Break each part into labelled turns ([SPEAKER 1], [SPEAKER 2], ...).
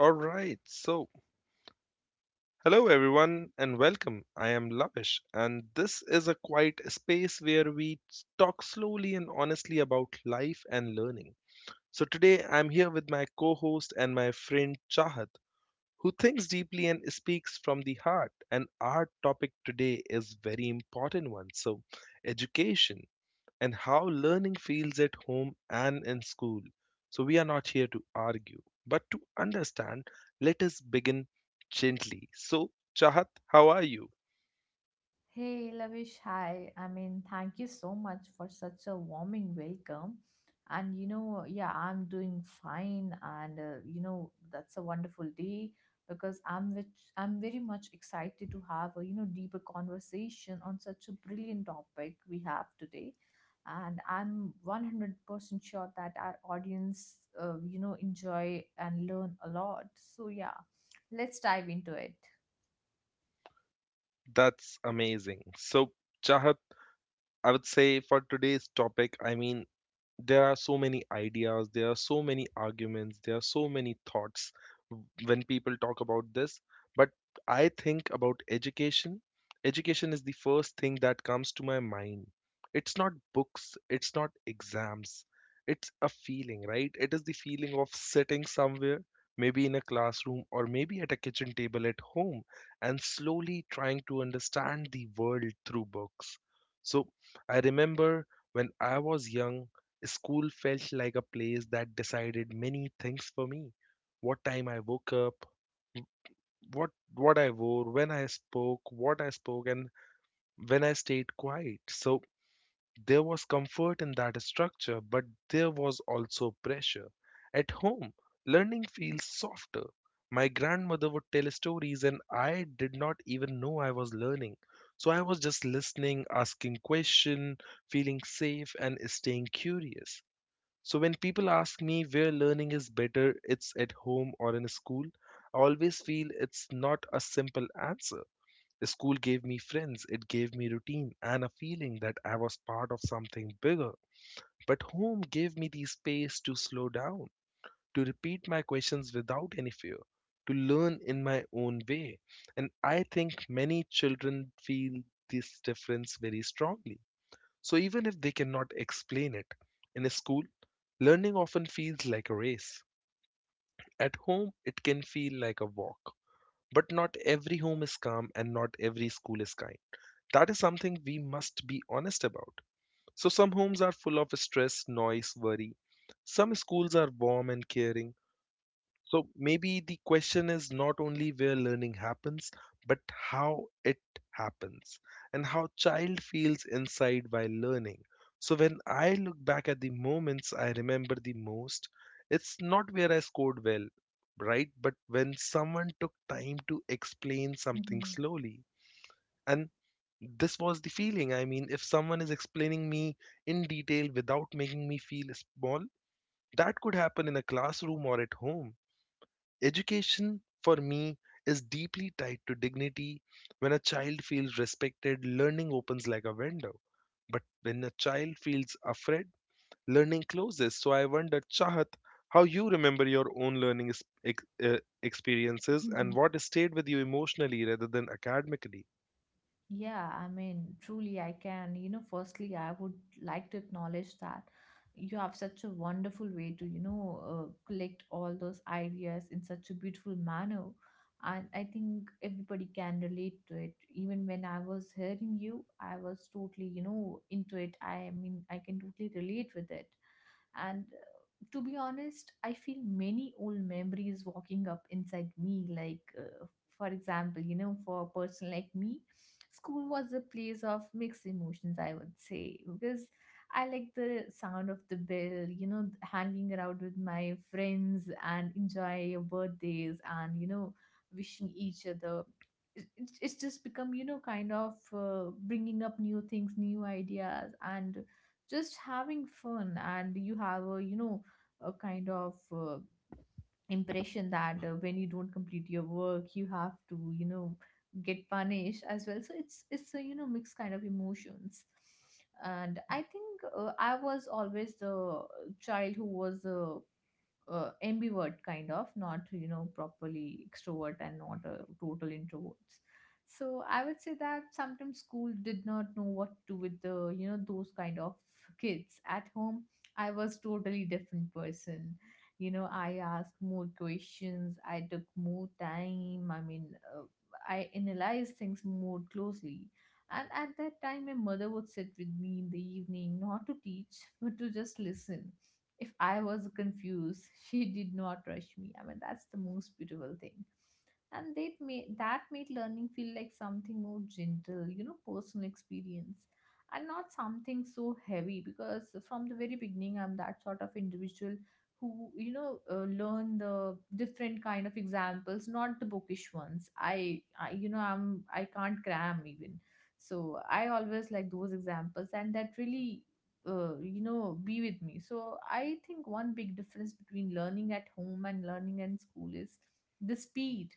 [SPEAKER 1] All right, so hello everyone and welcome. I am Lavish, and this is a quiet space where we talk slowly and honestly about life and learning. So today I'm here with my co host and my friend Chahat, who thinks deeply and speaks from the heart. And our topic today is very important one so, education and how learning feels at home and in school. So, we are not here to argue, but to understand. Let us begin gently. So, Chahat, how are you?
[SPEAKER 2] Hey Lavish, hi. Thank you so much for such a warming welcome. And you know, yeah, I'm doing fine, and that's a wonderful day because I'm very much excited to have a deeper conversation on such a brilliant topic we have today. And I'm 100% sure that our audience, enjoy and learn a lot. So yeah, let's dive into it.
[SPEAKER 1] That's amazing. So, Chahat, I would say for today's topic, I mean, there are so many ideas, there are so many arguments, there are so many thoughts when people talk about this. But I think about education. Education is the first thing that comes to my mind. It's not books, it's not exams, it's a feeling, right? It is the feeling of sitting somewhere, maybe in a classroom or maybe at a kitchen table at home, and slowly trying to understand the world through books. So I remember when I was young, school felt like a place that decided many things for me. What time I woke up, w- what I wore, when I spoke, what I spoke, and when I stayed quiet. So there was comfort in that structure, but there was also pressure. At home, learning feels softer. My grandmother would tell stories, and I did not even know I was learning. So I was just listening, asking questions, feeling safe, and staying curious. So when people ask me where learning is better, it's at home or in school, I always feel it's not a simple answer. School gave me friends, it gave me routine and a feeling that I was part of something bigger. But home gave me the space to slow down, to repeat my questions without any fear, to learn in my own way. And I think many children feel this difference very strongly, so even if they cannot explain it, in a school, learning often feels like a race. At home, it can feel like a walk. But not every home is calm and not every school is kind. That is something we must be honest about. So some homes are full of stress, noise, worry. Some schools are warm and caring, so maybe the question is not only where learning happens, but how it happens and how child feels inside while learning. So when I look back at the moments I remember the most, it's not where I scored well, right? But when someone took time to explain something slowly. And this was the feeling. I mean, if someone is explaining me in detail without making me feel small, that could happen in a classroom or at home. Education, for me, is deeply tied to dignity. When a child feels respected, learning opens like a window. But when a child feels afraid, learning closes. So I wonder, Chahat, how you remember your own learning experiences and what stayed with you emotionally rather than academically.
[SPEAKER 2] Yeah, truly, I can. You know, firstly, I would like to acknowledge that you have such a wonderful way to, collect all those ideas in such a beautiful manner. And I think everybody can relate to it. Even when I was hearing you, I was totally, you know, into it. I mean, I can totally relate with it. And to be honest, I feel many old memories walking up inside me, like. For example, you know, for a person like me, school was a place of mixed emotions, I would say, because I like the sound of the bell, you know, hanging around with my friends and enjoy your birthdays and, you know, wishing each other. It's just become, you know, kind of bringing up new things, new ideas, and just having fun. And you have a, you know, a kind of impression that when you don't complete your work you have to you know get punished as well, so it's a you know mixed kind of emotions. And I think I was always the child who was ambivert kind of, not you know properly extrovert and not a total introverts. So I would say that sometimes school did not know what to do with the you know those kind of kids. At home I was totally different person. You know, I asked more questions, I took more time. Uh, I analyzed things more closely, and at that time my mother would sit with me in the evening, not to teach but to just listen. If I was confused, she did not rush me. I mean, that's the most beautiful thing. And that made learning feel like something more gentle, you know, personal experience, and not something so heavy. Because from the very beginning, I'm that sort of individual who, learn the different kind of examples, not the bookish ones. You know, I can't cram even. So I always like those examples, and that really you know be with me. So I think one big difference between learning at home and learning in school is the speed.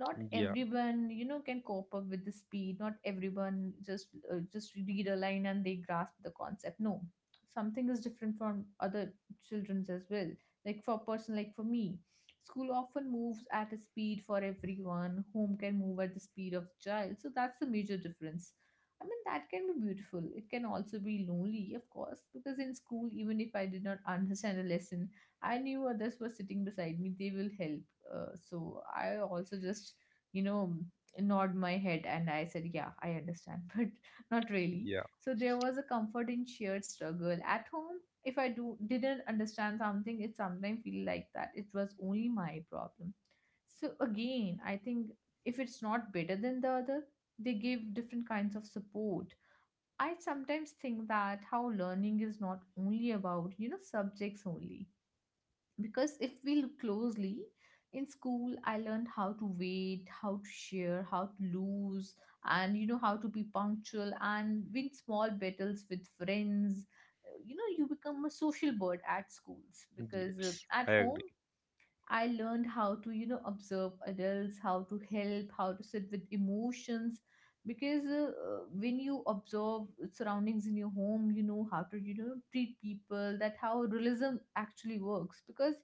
[SPEAKER 2] Not
[SPEAKER 1] Yeah,
[SPEAKER 2] everyone you know can cope up with the speed, not everyone just read a line and they grasp the concept. No, something is different from other children's as well. Like for a person like For me, school often moves at a speed for everyone, home can move at the speed of the child. So that's the major difference. I mean, that can be beautiful. It can also be lonely, of course, because in school, even if I did not understand a lesson, I knew others were sitting beside me. They will help. So I also just, you know, nod my head and I said, yeah, I understand, but not really.
[SPEAKER 1] yeah,
[SPEAKER 2] So there was a comfort in shared struggle. At home, if I do didn't understand something, it sometimes feel like that. It was only my problem. So again, I think if it's not better than the other, they give different kinds of support. I sometimes think that how learning is not only about, you know, subjects only. Because if we look closely, in school, I learned how to wait, how to share, how to lose, and you know, how to be punctual and win small battles with friends. You know, you become a social bird at schools, because
[SPEAKER 1] yes,
[SPEAKER 2] at
[SPEAKER 1] I
[SPEAKER 2] home
[SPEAKER 1] agree.
[SPEAKER 2] I learned how to, you know, observe adults, how to help, how to sit with emotions. Because when you observe surroundings in your home, you know how to, you know, treat people, that how realism actually works. Because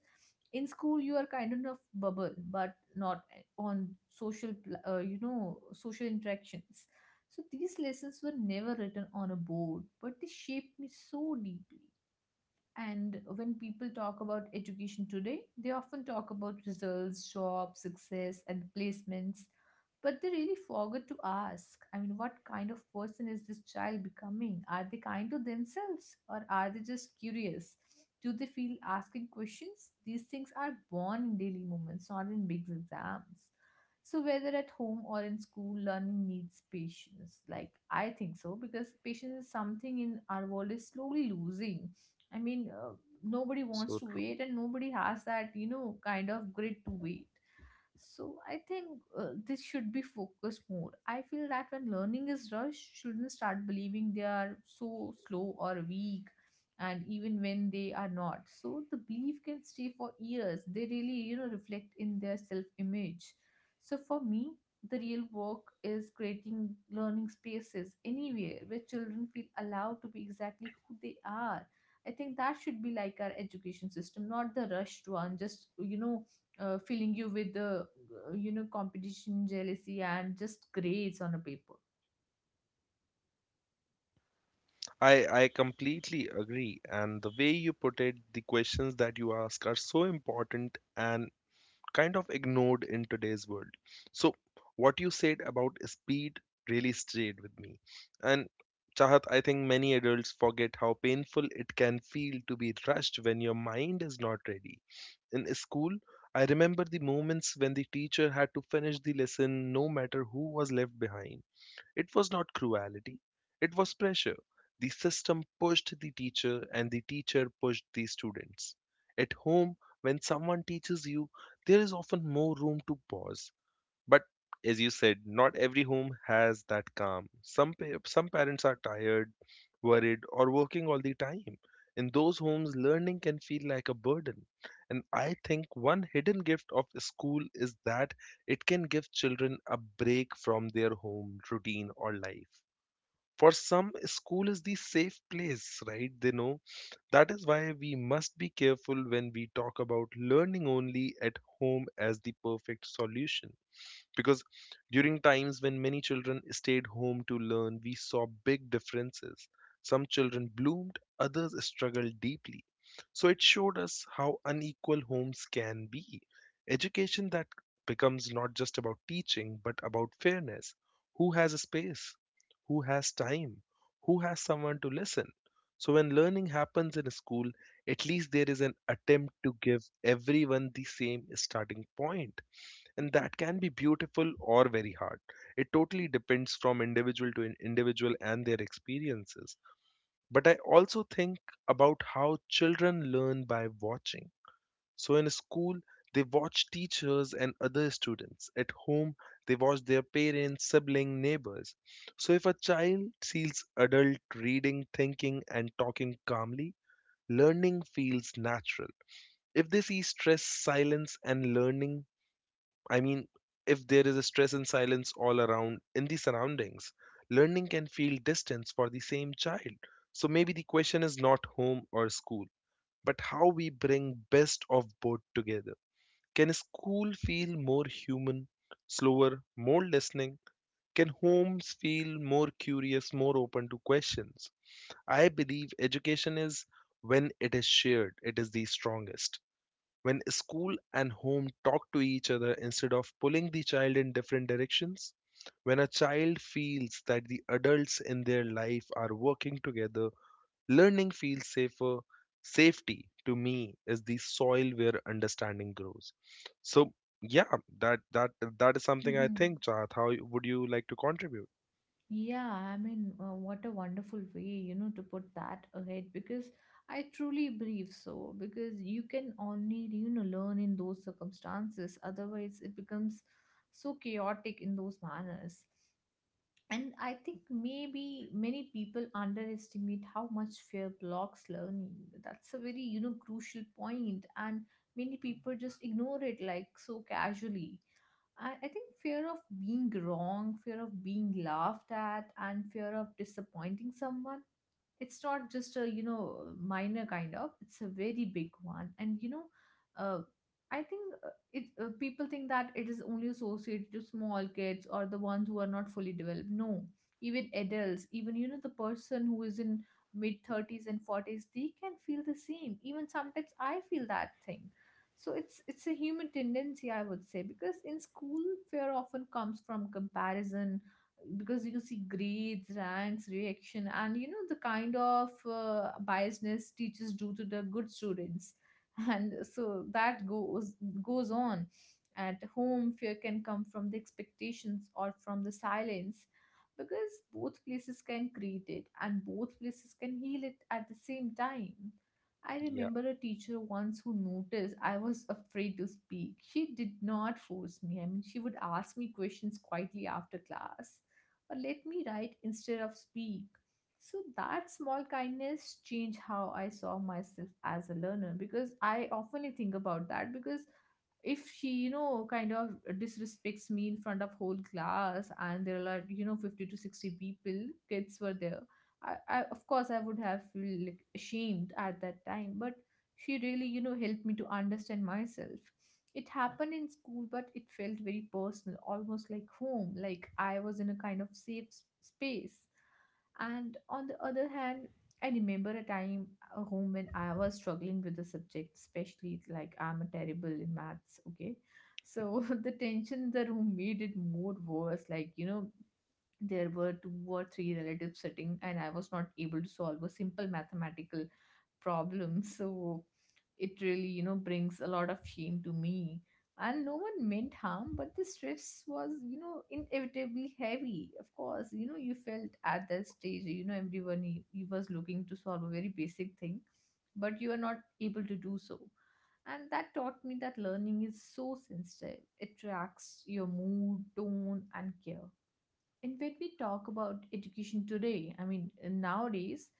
[SPEAKER 2] in school, you are kind of bubble, but not on social, you know, social interactions. So these lessons were never written on a board, but they shaped me so deeply. And when people talk about education today, they often talk about results, jobs, success, and placements, but they really forget to ask, I mean, what kind of person is this child becoming? Are they kind to themselves, or are they just curious? Do they feel asking questions? These things are born in daily moments, not in big exams. So, whether at home or in school, learning needs patience. Like, I think so, because patience is something in our world is slowly losing. I mean, uh, nobody wants
[SPEAKER 1] So
[SPEAKER 2] to
[SPEAKER 1] true.
[SPEAKER 2] wait, and nobody has that, you know, kind of grit to wait. So I think this should be focused more. I feel that when learning is rushed, children start believing they are so slow or weak, and even when they are not. So the belief can stay for years. They really, you know, reflect in their self image. So for me, the real work is creating learning spaces anywhere where children feel allowed to be exactly who they are. I think that should be like our education system, not the rushed one, just, filling you with the, you know, competition, jealousy, and just grades on a paper.
[SPEAKER 1] I completely agree. And the way you put it, the questions that you ask are so important and kind of ignored in today's world. So, what you said about speed really stayed with me. And Chahat, I think many adults forget how painful it can feel to be rushed when your mind is not ready. In school, I remember the moments when the teacher had to finish the lesson no matter who was left behind. It was not cruelty, it was pressure. The system pushed the teacher, and the teacher pushed the students. At home, when someone teaches you, there is often more room to pause. But as you said, not every home has that calm. Some parents are tired, worried, or working all the time. In those homes, learning can feel like a burden. And I think one hidden gift of school is that it can give children a break from their home routine or life. For some, school is the safe place, right? They know. That is why we must be careful when we talk about learning only at home as the perfect solution, because during times when many children stayed home to learn, we saw big differences. Some children bloomed, others struggled deeply, so it showed us how unequal homes can be. Education that becomes not just about teaching but about fairness: who has a space, who has time, who has someone to listen. So when learning happens in a school, at least there is an attempt to give everyone the same starting point, and that can be beautiful or very hard. It totally depends from individual to individual and their experiences. But I also think about how children learn by watching. So in school, they watch teachers and other students. At home, they watch their parents, sibling, neighbors. So if a child sees adult reading, thinking and talking calmly, learning feels natural. If they see stress, silence and learning, I mean, if there is a stress and silence all around in the surroundings, learning can feel distance for the same child. So maybe the question is not home or school, but how we bring best of both together. Can school feel more human, slower, more listening? Can homes feel more curious, more open to questions? I believe education is when it is shared, it is the strongest. When school and home talk to each other instead of pulling the child in different directions, when a child feels that the adults in their life are working together, learning feels safer. Safety to me is the soil where understanding grows. So yeah, that that is something I
[SPEAKER 2] Hmm.
[SPEAKER 1] think, Chahat. How would you like to contribute?
[SPEAKER 2] Yeah, what a wonderful way, you know, to put that ahead, because I truly believe so. Because you can only, you know, learn in those circumstances, otherwise, it becomes so chaotic in those manners. And I think maybe many people underestimate how much fear blocks learning. That's a very, you know, crucial point, and many people just ignore it like so casually. I think fear of being wrong, fear of being laughed at, and fear of disappointing someone, it's not just a you know minor kind of, it's a very big one. And you know uh, I think it people think that it is only associated to small kids or the ones who are not fully developed. No, even adults, even you know the person who is in mid 30s and 40s, they can feel the same. Even sometimes I feel that thing. So it's a human tendency, I would say. Because in school, fear often comes from comparison, because you see grades, ranks, reaction, and you know the kind of biasness teachers do to the good students, and so that goes on. At home, fear can come from the expectations or from the silence, because both places can create it and both places can heal it at the same time. I
[SPEAKER 1] Yeah,
[SPEAKER 2] remember a teacher once who noticed I was afraid to speak. She did not force me. I mean, she would ask me questions quietly after class or let me write instead of speak. So that small kindness changed how I saw myself as a learner, because I often think about that. Because if she you know kind of disrespects me in front of whole class, and there are like you know 50 to 60 people kids were there, I of course I would have feel like ashamed at that time, but she really you know helped me to understand myself. It happened in school, but it felt very personal, almost like home, like I was in a kind of safe space. And on the other hand, I remember a time a home when I was struggling with the subject, especially like I'm a terrible in maths, okay? So the tension in the room made it more worse. Like, you know, there were two or three relatives sitting and I was not able to solve a simple mathematical problem, so it really you know brings a lot of shame to me. And no one meant harm, but the stress was you know inevitably heavy. Of course, you know, you felt at that stage, you know, everyone, you was looking to solve a very basic thing, but you are not able to do so. And that taught me that learning is so sensitive, it tracks your mood, tone and care. And when we talk about education today, nowadays,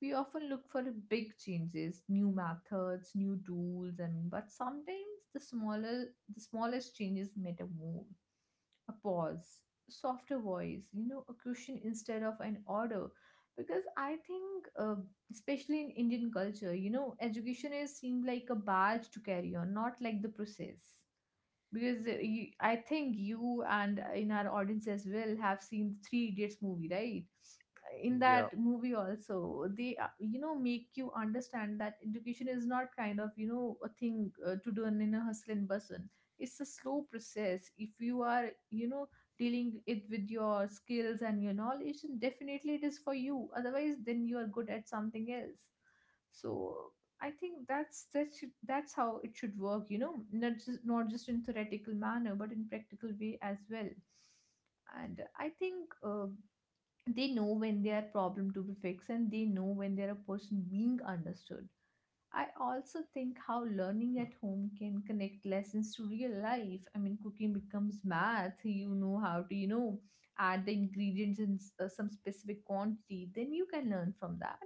[SPEAKER 2] we often look for big changes, new methods, new tools, I mean, but sometimes the smallest changes matter more. A pause, softer voice, you know, a question instead of an order. Because I think, especially in Indian culture, you know, education is seen like a badge to carry on, not like the process because I think you and in our audience as well have seen the Three Idiots movie, right? In
[SPEAKER 1] yeah,
[SPEAKER 2] that movie also, they you know make you understand that education is not kind of you know a thing to do in a hustle and bustle. It's a slow process. If you are you know dealing it with your skills and your knowledge, then definitely it is for you. Otherwise, then you are good at something else, so I think that's how it should work, you know, not just in theoretical manner, but in practical way as well. And I think they know when their problem to be fixed, and they know when they're a person being understood. I also think how learning at home can connect lessons to real life. I mean, cooking becomes math. You know how to, you know, add the ingredients in some specific quantity. Then you can learn from that.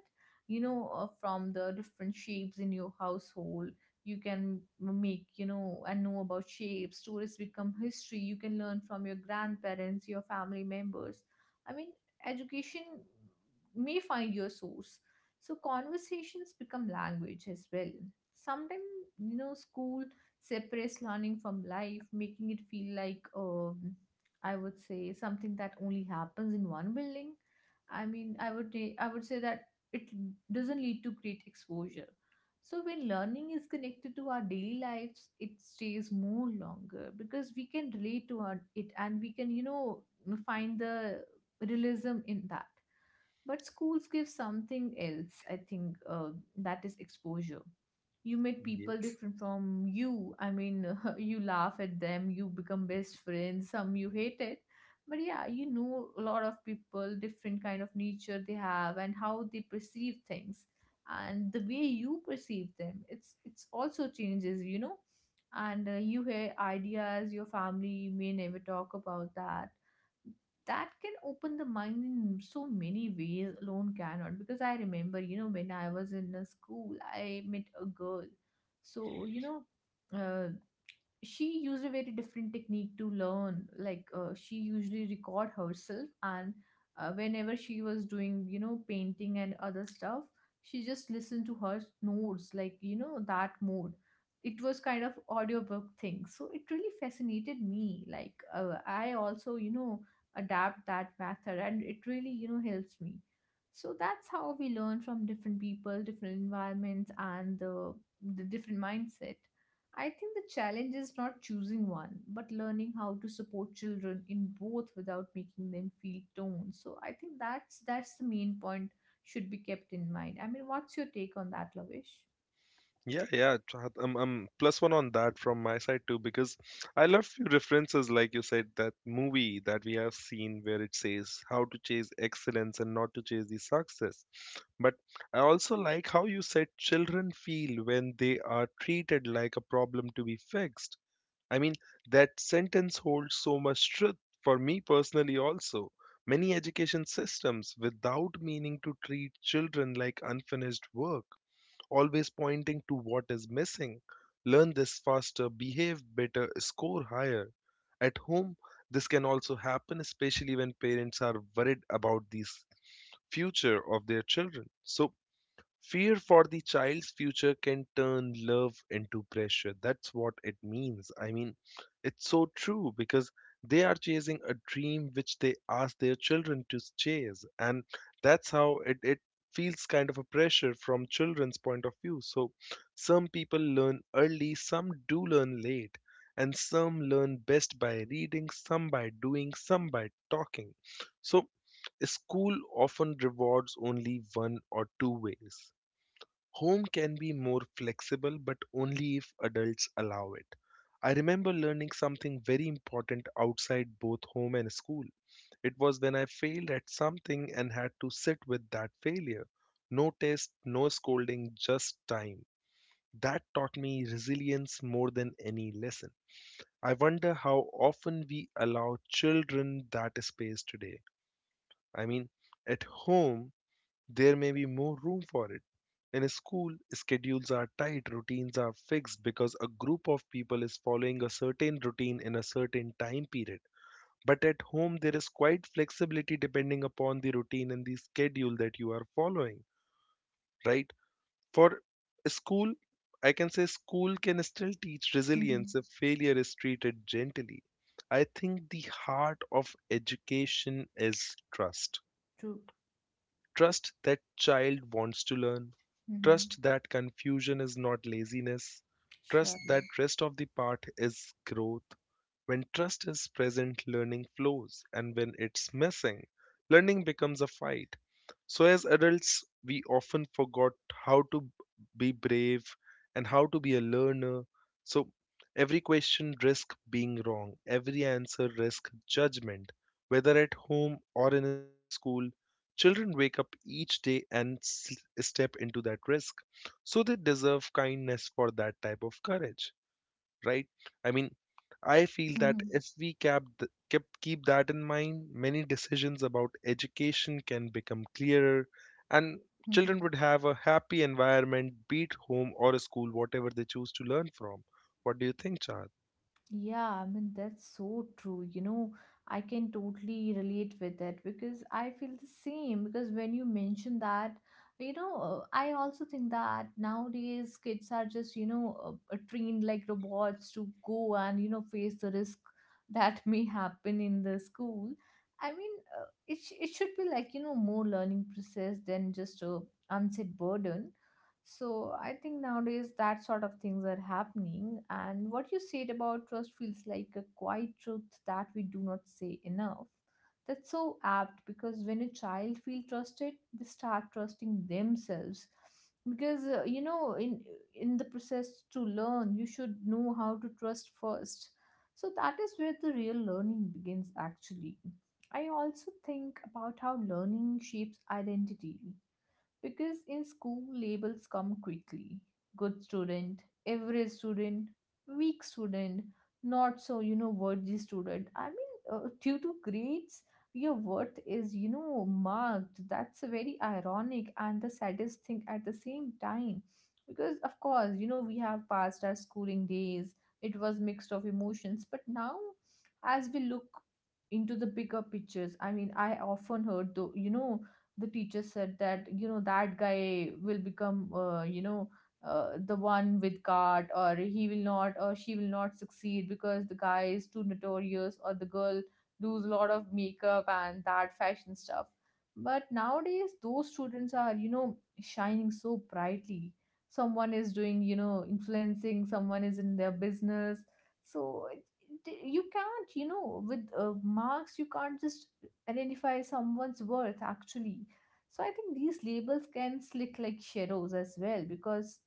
[SPEAKER 2] You know, from the different shapes in your household, you can make, you know, and know about shapes. Stories become history. You can learn from your grandparents, your family members. I mean, education may find your source, so conversations become language as well. Sometimes, you know, school separates learning from life, making it feel like, I would say, something that only happens in one building. I mean, I would say that it doesn't lead to great exposure. So when learning is connected to our daily lives, it stays more longer because we can relate to our, it and we can, you know, find the realism in that. But schools give something else, I think, that is exposure. You meet people
[SPEAKER 1] yes.
[SPEAKER 2] different from you. I mean, you laugh at them, you become best friends, some you hate it. But yeah, you know a lot of people, different kind of nature they have and how they perceive things. And the way you perceive them, it's also changes, you know. And you hear ideas your family may never talk about, that that can open the mind in so many ways alone cannot, because I remember, you know, when I was in a school I met a girl. So you know, uh, she used a very different technique to learn, like she usually record herself, and whenever she was doing you know painting and other stuff, she just listened to her notes, like you know that mode. It was kind of audiobook thing, so it really fascinated me, like I also you know adapt that method, and it really you know helps me. So that's how we learn from different people, different environments, and the different mindset. I think the challenge is not choosing one, but learning how to support children in both without making them feel torn. So I think that's the main point should be kept in mind. I mean, what's your take on that, Lavish?
[SPEAKER 1] Yeah, yeah. Chahat, I'm plus one on that from my side too because I love few references like you said, that movie that we have seen where it says how to chase excellence and not to chase the success. But I also like how you said children feel when they are treated like a problem to be fixed. I mean, that sentence holds so much truth for me personally also. Many education systems without meaning to treat children like unfinished work, always pointing to what is missing. Learn this faster, behave better, score higher. At home, this can also happen, especially when parents are worried about the future of their children. So, fear for the child's future can turn love into pressure. That's what it means. I mean, it's so true because they are chasing a dream which they ask their children to chase. And that's how it feels kind of a pressure from children's point of view. So some people learn early, some do learn late, and some learn best by reading, some by doing, some by talking. So school often rewards only one or two ways. Home can be more flexible, but only if adults allow it. I remember learning something very important outside both home and school. It was when I failed at something and had to sit with that failure. No test, no scolding, just time. That taught me resilience more than any lesson. I wonder how often we allow children that space today. I mean, at home, there may be more room for it. In a school, schedules are tight, routines are fixed because a group of people is following a certain routine in a certain time period. But at home, there is quite flexibility depending upon the routine and the schedule that you are following, right? For a school, I can say school can still teach
[SPEAKER 2] Mm-hmm.
[SPEAKER 1] resilience if failure is treated gently. I think the heart of education is trust.
[SPEAKER 2] True.
[SPEAKER 1] Trust that child wants to learn.
[SPEAKER 2] Mm-hmm.
[SPEAKER 1] Trust that confusion is not laziness. Trust that
[SPEAKER 2] Surely.
[SPEAKER 1] rest of the part is growth. When trust is present, learning flows, and when it's missing, learning becomes a fight. So, as adults, we often forgot how to be brave and how to be a learner. So, every question risks being wrong, every answer risks judgment, whether at home or in a school. Children wake up each day and step into that risk, so they deserve kindness for that type of courage, right? I mean, I feel that
[SPEAKER 2] Mm-hmm.
[SPEAKER 1] if we kept, th- kept keep that in mind, many decisions about education can become clearer, and children would have a happy environment, be it home or a school, whatever they choose to learn from. What do you think, Chad?
[SPEAKER 2] Yeah, I mean, that's so true. You know, I can totally relate with it because I feel the same. Because when you mention that, you know, I also think that nowadays kids are just, you know, trained like robots to go and, you know, face the risk that may happen in the school. I mean, it, it should be like, you know, more learning process than just a unsaid burden, so I think nowadays that sort of things are happening. And what you said about trust feels like a quiet truth that we do not say enough. That's so apt because when a child feels trusted, they start trusting themselves. Because you know, in the process to learn, you should know how to trust first. So that is where the real learning begins actually. I also think about how learning shapes identity because in school, labels come quickly: good student, average student, weak student, not so, you know, worthy student. I mean, due to grades, your worth is, you know, marked. That's very ironic and the saddest thing at the same time. Because, of course, you know, we have passed our schooling days, it was mixed of emotions, but now as we look into the bigger pictures, I mean, I often heard though you know the teacher said that you know that guy will become you know the one with card, or he will not or she will not succeed because the guy is too notorious or the girl does a lot of makeup and that fashion stuff. But nowadays those students are you know shining so brightly. Someone is doing you know influencing, someone is in their business. So you can't you know with marks you can't just identify someone's worth actually. So I think these labels can slick like shadows as well, because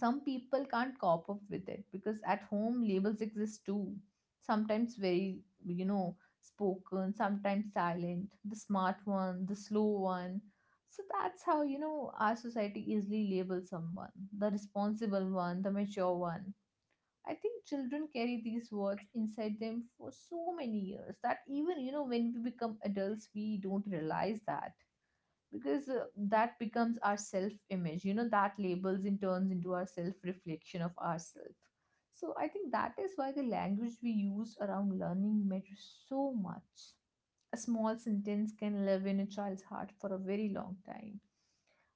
[SPEAKER 2] some people can't cope up with it, because at home labels exist too. Sometimes very, you know, spoken, sometimes silent, the smart one, the slow one. So that's how, you know, our society easily labels someone: the responsible one, the mature one. I think children carry these words inside them for so many years that even, you know, when we become adults, we don't realize that, because that becomes our self image, you know, that labels in turns into our self reflection of ourself. So I think that is why the language we use around learning matters so much. A small sentence can live in a child's heart for a very long time.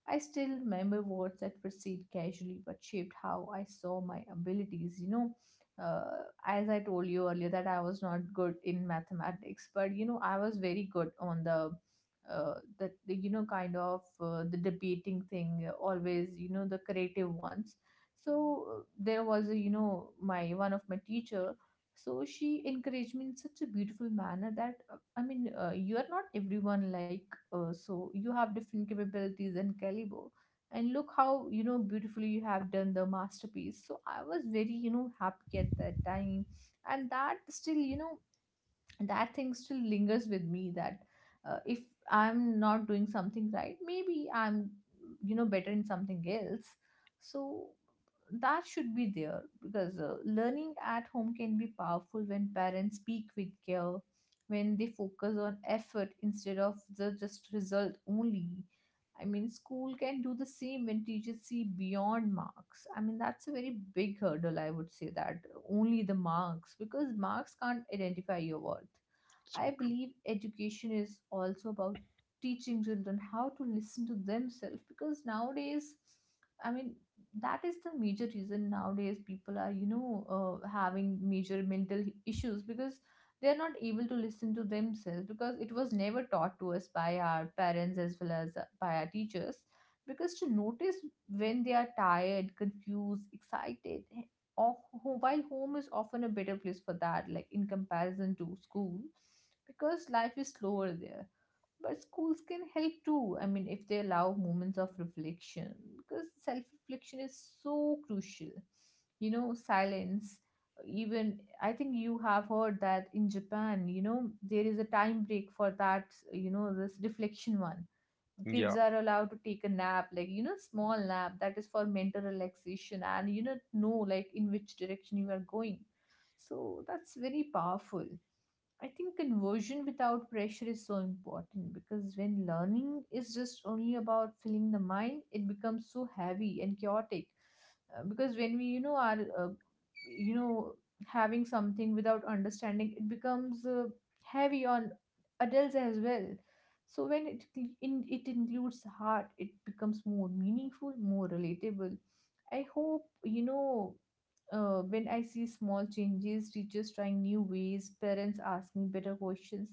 [SPEAKER 2] I still remember words that were said casually but shaped how I saw my abilities. You know, as I told you earlier, that I was not good in mathematics, but you know, I was very good on the the you know kind of the debating thing. Always, you know, the creative ones. So there was a, you know, my one of my teacher, so she encouraged me in such a beautiful manner that I mean you are not everyone like so you have different capabilities and caliber, and look how you know beautifully you have done the masterpiece. So I was very you know happy at that time, and that still you know that thing still lingers with me that if I'm not doing something right, maybe I'm you know better in something else. So that should be there, because learning at home can be powerful when parents speak with care, when they focus on effort instead of the just result only. I mean, school can do the same when teachers see beyond marks. I mean, that's a very big hurdle, I would say, that only the marks, because marks can't identify your worth. I
[SPEAKER 1] So true.
[SPEAKER 2] believe education is also about teaching children how to listen to themselves because nowadays, I mean, that is the major reason nowadays people are, you know, having major mental issues because they are not able to listen to themselves, because it was never taught to us by our parents as well as by our teachers, because to notice when they are tired, confused, excited, or while home is often a better place for that, like in comparison to school, because life is slower there. But schools can help too, I mean, if they allow moments of reflection, because self reflection is so crucial, you know, silence. Even I think you have heard that in Japan you know there is a time break for that, you know, this reflection one. Kids
[SPEAKER 1] Yeah,
[SPEAKER 2] are allowed to take a nap, like you know small nap, that is for mental relaxation and you know like in which direction you are going. So that's very powerful. I think conversion without pressure is so important, because when learning is just only about filling the mind, it becomes so heavy and chaotic. Because when we, you know, are, you know, having something without understanding, it becomes heavy on adults as well. So when it in, it includes heart, it becomes more meaningful, more relatable. I hope you know when I see small changes, teachers trying new ways, parents asking better questions,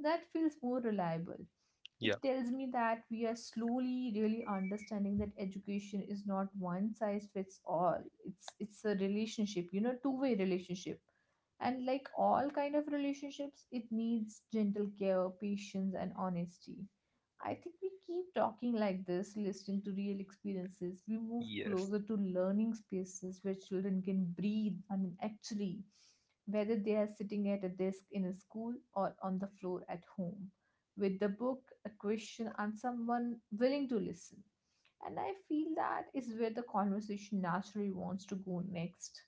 [SPEAKER 2] that feels more reliable.
[SPEAKER 1] yeah,
[SPEAKER 2] It tells me that we are slowly really understanding that education is not one size fits all. It's a relationship, you know, two-way relationship. And like all kind of relationships, it needs gentle care, patience, and honesty. I think we keep talking like this, listening to real experiences. We move
[SPEAKER 1] yes,
[SPEAKER 2] closer to learning spaces where children can breathe. I mean, actually, whether they are sitting at a desk in a school or on the floor at home, with the book, a question, and someone willing to listen. And I feel that is where the conversation naturally wants to go next.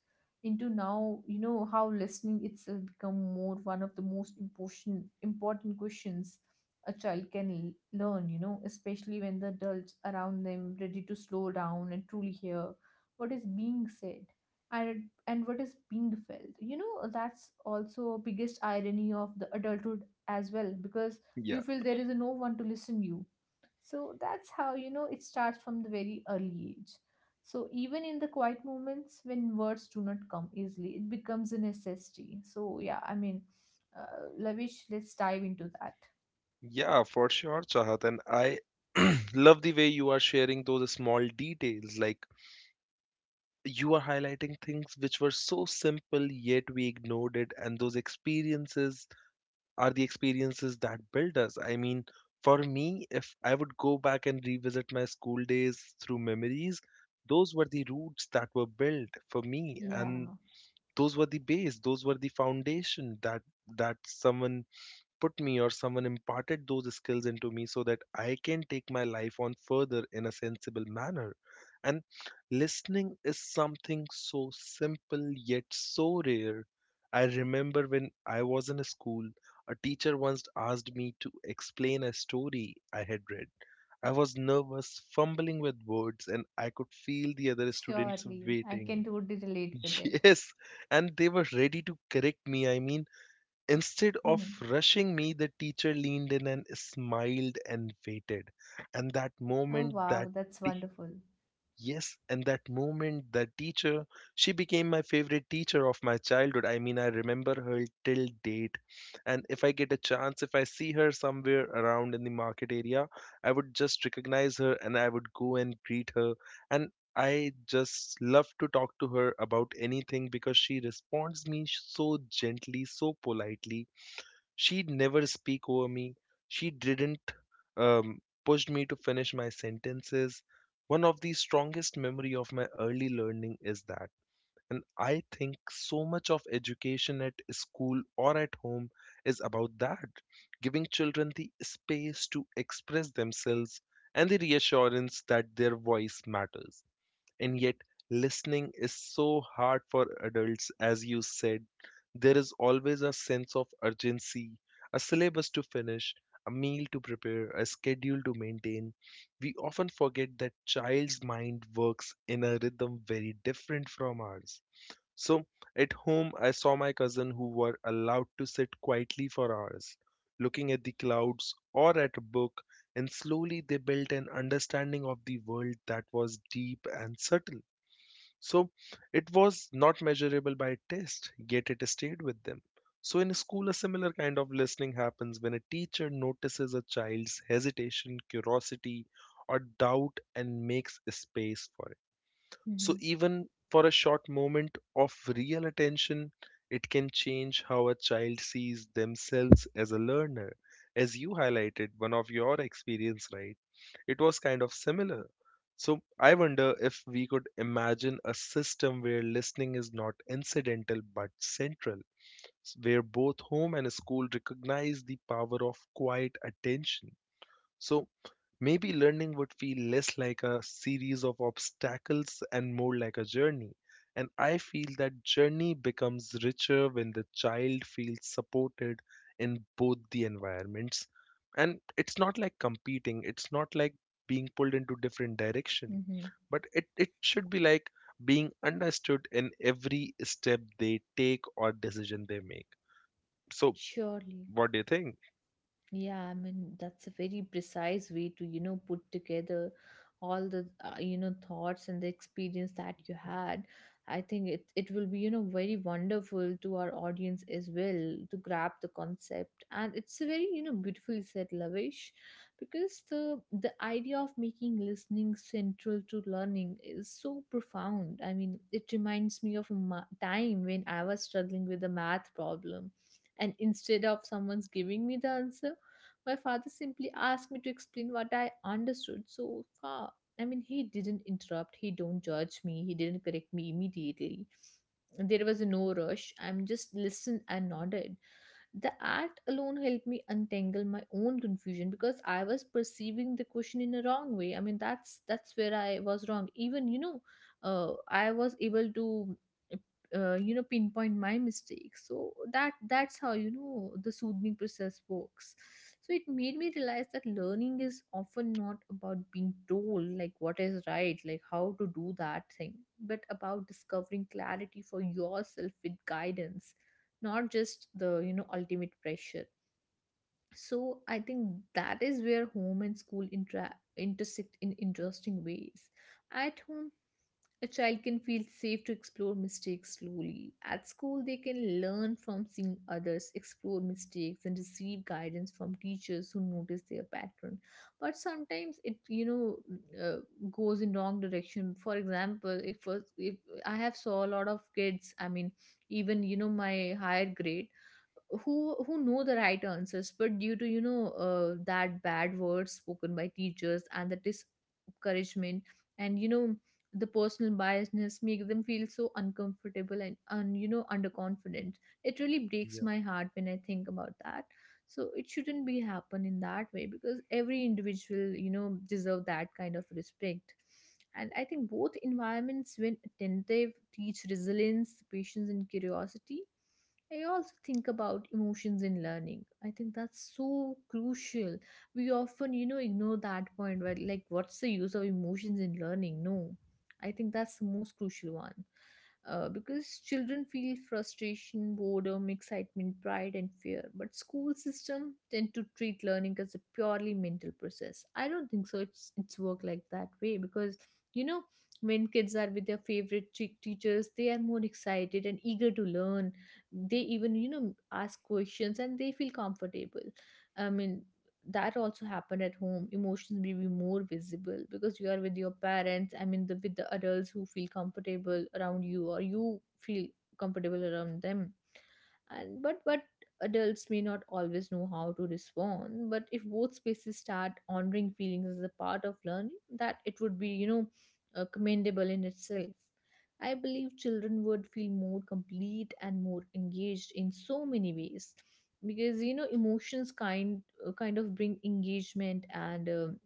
[SPEAKER 2] Into now, how listening itself become more one of the most important questions a child can learn, you know, especially when the adults around them ready to slow down and truly hear what is being said and what is being felt. You know, that's also biggest irony of the adulthood as well because
[SPEAKER 1] yeah.
[SPEAKER 2] you feel there is no one to listen you, so that's how, you know, it starts from the very early age. So even in the quiet moments when words do not come easily, it becomes a necessity. So yeah, I mean, Lavish, let's dive into that.
[SPEAKER 1] Yeah, for sure, Chahat. And I love the way you are sharing those small details. Like you are highlighting things which were so simple, yet we ignored it. And those experiences are the experiences that build us. I mean, for me, if I would go back and revisit my school days through memories, those were the roots that were built for me. And
[SPEAKER 2] Yeah,
[SPEAKER 1] those were the base, those were the foundation that someone put me or someone imparted those skills into me so that I can take my life on further in a sensible manner. And listening is something so simple yet so rare. I remember when I was in a school, a teacher once asked me to explain a story I had read. I was nervous, fumbling with words, and I could feel the other students
[SPEAKER 2] surely. I can
[SPEAKER 1] waiting.
[SPEAKER 2] totally relate with it.
[SPEAKER 1] Yes, and they were ready to correct me. I mean, instead of
[SPEAKER 2] Oh,
[SPEAKER 1] rushing me, the teacher leaned in and smiled and waited. And that moment,
[SPEAKER 2] wow, that's
[SPEAKER 1] t-
[SPEAKER 2] wonderful.
[SPEAKER 1] yes, and that moment, that teacher, she became my favorite teacher of my childhood. I mean, I remember her till date. And if I get a chance, if I see her somewhere around in the market area, I would just recognize her and I would go and greet her. And I just love to talk to her about anything because she responds me so gently, so politely. She'd never speak over me. She didn't push me to finish my sentences. One of the strongest memory of my early learning is that, and I think so much of education at school or at home is about that, giving children the space to express themselves and the reassurance that their voice matters. And yet listening is so hard for adults. As you said, there is always a sense of urgency, a syllabus to finish, a meal to prepare, a schedule to maintain. We often forget that child's mind works in a rhythm very different from ours. So at home, I saw my cousin who were allowed to sit quietly for hours, looking at the clouds or at a book, and slowly they built an understanding of the world that was deep and subtle. So it was not measurable by test, yet it stayed with them. So in school, a similar kind of listening happens when a teacher notices a child's hesitation, curiosity, or doubt and makes space for it. So
[SPEAKER 2] Hmm.
[SPEAKER 1] even for a short moment of real attention, it can change how a child sees themselves as a learner. As you highlighted, one of your experience, right? It was kind of similar. So I wonder if we could imagine a system where listening is not incidental but central, where both home and school recognize the power of quiet attention. So maybe learning would feel less like a series of obstacles and more like a journey. And I feel that journey becomes richer when the child feels supported in both the environments. And it's not like competing, it's not like being pulled into different direction,
[SPEAKER 2] Hmm.
[SPEAKER 1] but it should be like being understood in every step they take or decision they make. So,
[SPEAKER 2] Surely.
[SPEAKER 1] what do you think?
[SPEAKER 2] Yeah, I mean, that's a very precise way to, you know, put together all the, you know, thoughts and the experience that you had. I think it will be, you know, very wonderful to our audience as well to grab the concept. And it's a very, you know, beautifully said, Lavish, because the idea of making listening central to learning is so profound. I mean, it reminds me of a time when I was struggling with a math problem. And instead of someone's giving me the answer, my father simply asked me to explain what I understood so far. I mean, he didn't interrupt, he don't judge me, he didn't correct me immediately. There was no rush. I'm just listened and nodded. The act alone helped me untangle my own confusion because I was perceiving the question in a wrong way. I mean, that's where I was wrong. Even you know, I was able to, you know, pinpoint my mistakes. So that's how you know the soothing process works. So it made me realize that learning is often not about being told like what is right, like how to do that thing, but about discovering clarity for yourself with guidance, not just the you know ultimate pressure. So I think that is where home and school intersect in interesting ways. At home, a child can feel safe to explore mistakes slowly. At school, they can learn from seeing others explore mistakes and receive guidance from teachers who notice their pattern. But sometimes it, you know, uh, goes in wrong direction. For example, if I have saw a lot of kids, I mean, even you know, my higher grade, who know the right answers, but due to you know that bad words spoken by teachers and the discouragement and you know the personal biasness make them feel so uncomfortable and, you know underconfident. It really breaks my heart when I think about that. So it shouldn't be happen in that way, because every individual you know deserve that kind of respect. And I think both environments, when attentive, teach resilience, patience, and curiosity. I also think about emotions in learning. I think that's so crucial. We often, you know, ignore that point where, like, what's the use of emotions in learning? No, I think that's the most crucial one. Because children feel frustration, boredom, excitement, pride, and fear. But school system tend to treat learning as a purely mental process. I don't think so. It's work like that way because you know when kids are with their favorite teachers, they are more excited and eager to learn. They even you know ask questions and they feel comfortable. I mean, that also happen at home. Emotions may be more visible because you are with your parents, I mean the with the adults who feel comfortable around you or you feel comfortable around them. And but adults may not always know how to respond. But if both spaces start honoring feelings as a part of learning, that it would be you know commendable in itself. I believe children would feel more complete and more engaged in so many ways, because you know emotions kind of bring engagement and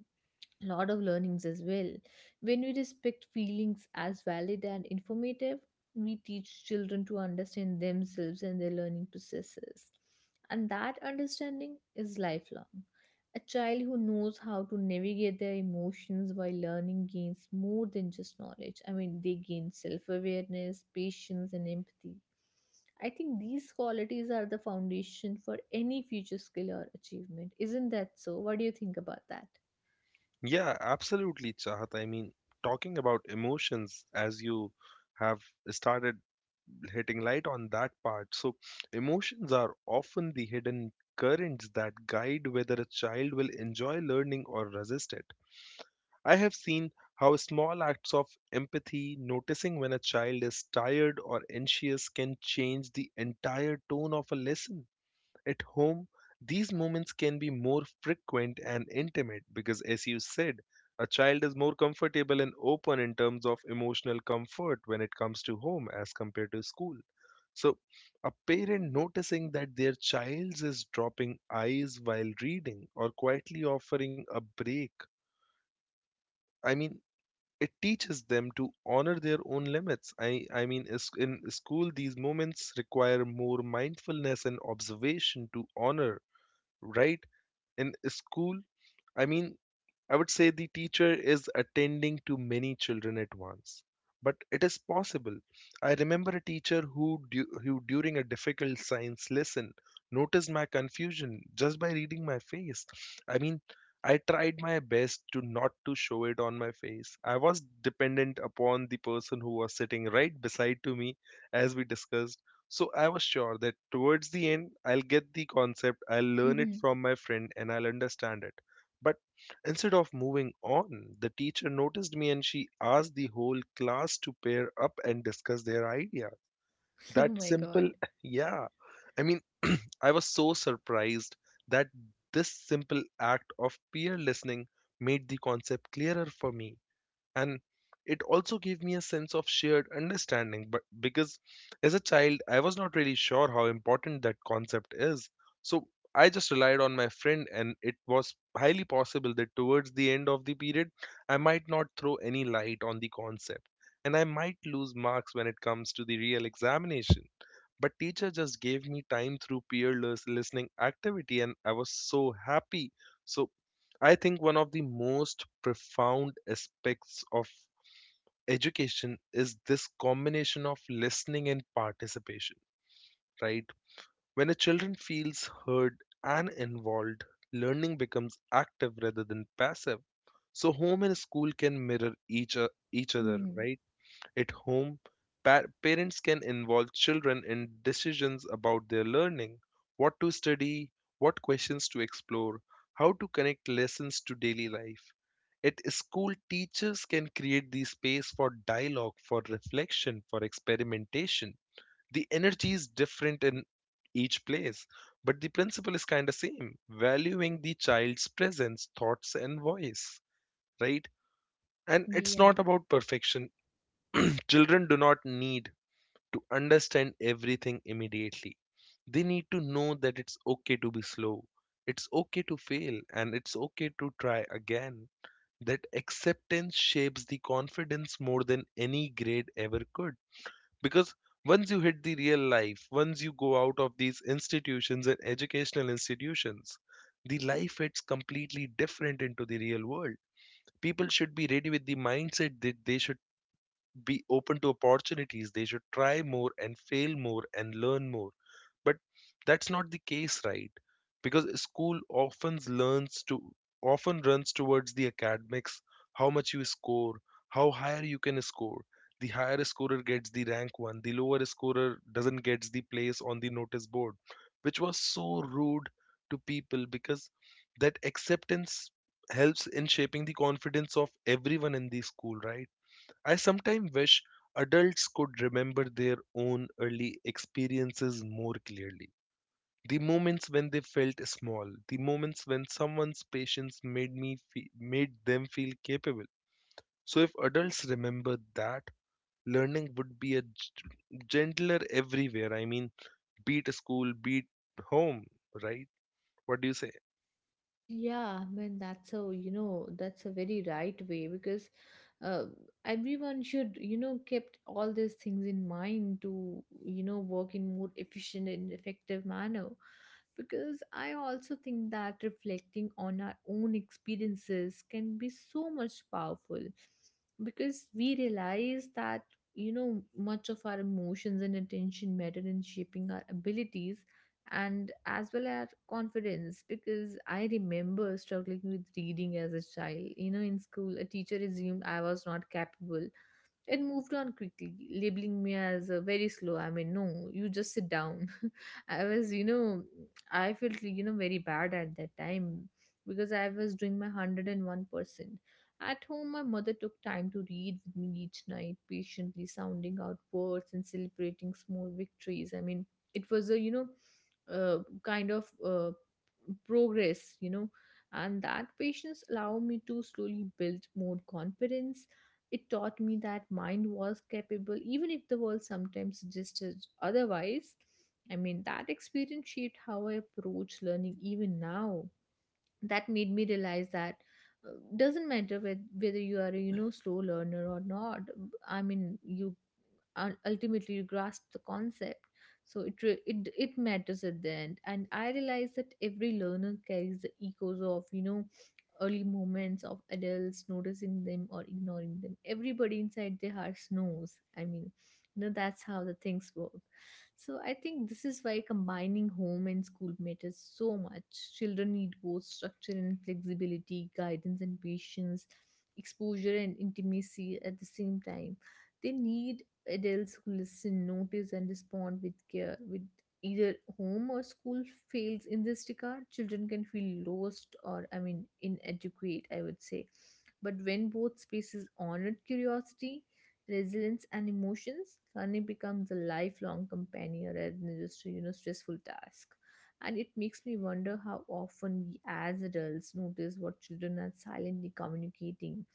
[SPEAKER 2] lot of learnings as well. When we respect feelings as valid and informative, we teach children to understand themselves and their learning processes. And that understanding is lifelong. A child who knows how to navigate their emotions while learning gains more than just knowledge. I mean, they gain self awareness, patience, and empathy. I think these qualities are the foundation for any future skill or achievement. Isn't that so? What do you think about that?
[SPEAKER 1] Yeah, absolutely, Chahat. I mean, talking about emotions, as you have started hitting light on that part. So, emotions are often the hidden currents that guide whether a child will enjoy learning or resist it. I have seen how small acts of empathy, noticing when a child is tired or anxious, can change the entire tone of a lesson. At home, these moments can be more frequent and intimate because, as you said, a child is more comfortable and open in terms of emotional comfort when it comes to home as compared to school. So, a parent noticing that their child is dropping eyes while reading or quietly offering a break, I mean, it teaches them to honor their own limits. I mean, in school, these moments require more mindfulness and observation to honor, right? In school, I mean, I would say the teacher is attending to many children at once, but it is possible. I remember a teacher who during a difficult science lesson, noticed my confusion just by reading my face. I mean, I tried my best to not to show it on my face. I was dependent upon the person who was sitting right beside to me, as we discussed. So I was sure that towards the end I'll get the concept, I'll learn it from my friend and I'll understand it. But instead of moving on, the teacher noticed me and she asked the whole class to pair up and discuss their idea.
[SPEAKER 2] Oh
[SPEAKER 1] That
[SPEAKER 2] my God.
[SPEAKER 1] simple, yeah. I mean, I was so surprised that this simple act of peer listening made the concept clearer for me, and it also gave me a sense of shared understanding. But because as a child I was not really sure how important that concept is, so I just relied on my friend, and it was highly possible that towards the end of the period I might not throw any light on the concept and I might lose marks when it comes to the real examination. But teacher just gave me time through peerless listening activity and I was so happy. So I think one of the most profound aspects of education is this combination of listening and participation, right? When a children feels heard and involved, learning becomes active rather than passive. So home and school can mirror each other,
[SPEAKER 2] Hmm.
[SPEAKER 1] right? At home, parents can involve children in decisions about their learning, what to study, what questions to explore, how to connect lessons to daily life. At school, teachers can create the space for dialogue, for reflection, for experimentation. The energy is different in each place, but the principle is kind of same, valuing the child's presence, thoughts, and voice, right? And it's not
[SPEAKER 2] Yeah.
[SPEAKER 1] about perfection. Children do not need to understand everything immediately. They need to know that it's okay to be slow, it's okay to fail, and it's okay to try again. That acceptance shapes the confidence more than any grade ever could. Because once you hit the real life, once you go out of these institutions and educational institutions, the life it's completely different into the real world. People should be ready with the mindset that they should be open to opportunities. They should try more and fail more and learn more. But that's not the case, right? Because school often learns to often runs towards the academics, how much you score, how higher you can score. The higher scorer gets the rank one, the lower scorer doesn't gets the place on the notice board, which was so rude to people because that acceptance helps in shaping the confidence of everyone in the school, right? I sometimes wish adults could remember their own early experiences more clearly. The moments when they felt small, the moments when someone's patience made them feel capable. So if adults remember that, learning would be a gentler everywhere. I mean, beat school, beat home, right? What do you say?
[SPEAKER 2] Yeah, I mean that's a you know that's a very right way because uh, everyone should you know kept all these things in mind to you know work in more efficient and effective manner, because I also think that reflecting on our own experiences can be so much powerful, because we realize that you know much of our emotions and attention matter in shaping our abilities and as well as confidence. Because I remember struggling with reading as a child. You know, in school, a teacher assumed I was not capable and moved on quickly, labeling me as a very slow. I mean, no, you just sit down. I was, you know, I felt, you know, very bad at that time because I was doing my 101%. At home, my mother took time to read with me each night, patiently sounding out words and celebrating small victories. I mean, it was a, you know, kind of progress, you know, and that patience allowed me to slowly build more confidence. It taught me that mind was capable, even if the world sometimes suggested otherwise. I mean, that experience shaped how I approach learning even now. That made me realize that doesn't matter whether you are a you know slow learner or not. I mean you ultimately you grasp the concept. So it re- it matters at the end, and I realize that every learner carries the echoes of you know early moments of adults noticing them or ignoring them. Everybody inside their hearts knows, I mean, you know that's how the things work. So I think this is why combining home and school matters so much. Children need both structure and flexibility, guidance and patience, exposure and intimacy at the same time. They need adults who listen, notice, and respond with care. With either home or school fails in this regard, children can feel lost or, I mean, inadequate, I would say. But when both spaces honored curiosity, resilience and emotions, learning becomes a lifelong companion rather than just a you know stressful task. And it makes me wonder how often we as adults notice what children are silently communicating.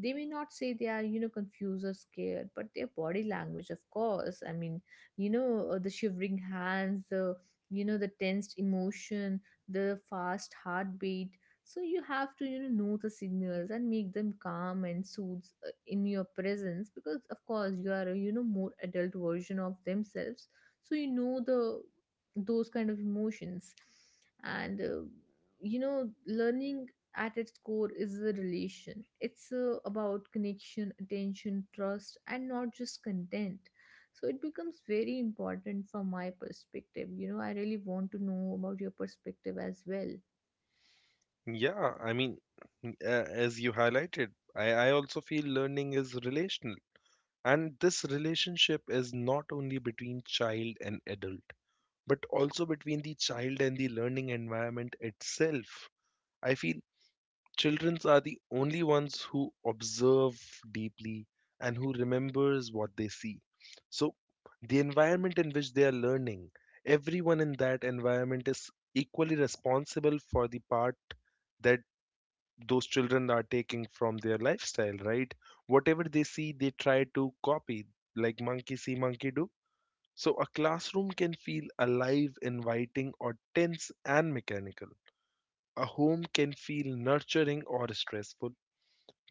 [SPEAKER 2] They may not say they are you know confused or scared, but their body language, of course, I mean, you know the shivering hands, the you know the tensed emotion, the fast heartbeat. So you have to you know the signals and make them calm and soothes in your presence, because of course you are a you know more adult version of themselves. So you know the those kind of emotions, and you know learning at its core is a relation. It's about connection, attention, trust, and not just content. So it becomes very important from my perspective. You know, I really want to know about your perspective as well.
[SPEAKER 1] Yeah, I mean, as you highlighted, I also feel learning is relational. And this relationship is not only between child and adult, but also between the child and the learning environment itself. I feel children are the only ones who observe deeply and who remembers what they see. So, the environment in which they are learning, everyone in that environment is equally responsible for the part that those children are taking from their lifestyle, right? Whatever they see, they try to copy, like monkey see, monkey do. So a classroom can feel alive, inviting, or tense and mechanical. A home can feel nurturing or stressful.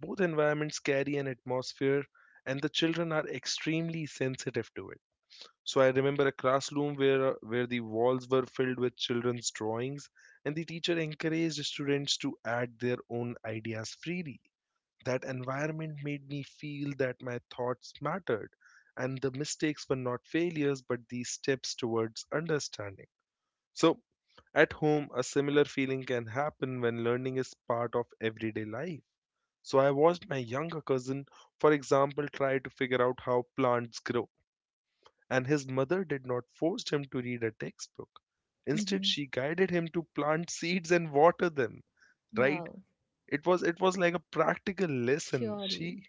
[SPEAKER 1] Both environments carry an atmosphere, and the children are extremely sensitive to it. So I remember a classroom where the walls were filled with children's drawings, and the teacher encouraged students to add their own ideas freely. That environment made me feel that my thoughts mattered and the mistakes were not failures but these steps towards understanding. So, at home, a similar feeling can happen when learning is part of everyday life. So I watched my younger cousin, for example, try to figure out how plants grow, and his mother did not force him to read a textbook. Instead,
[SPEAKER 2] Mhm.
[SPEAKER 1] she guided him to plant seeds and water them, right?
[SPEAKER 2] Wow,
[SPEAKER 1] It was like a practical lesson.
[SPEAKER 2] surely.
[SPEAKER 1] She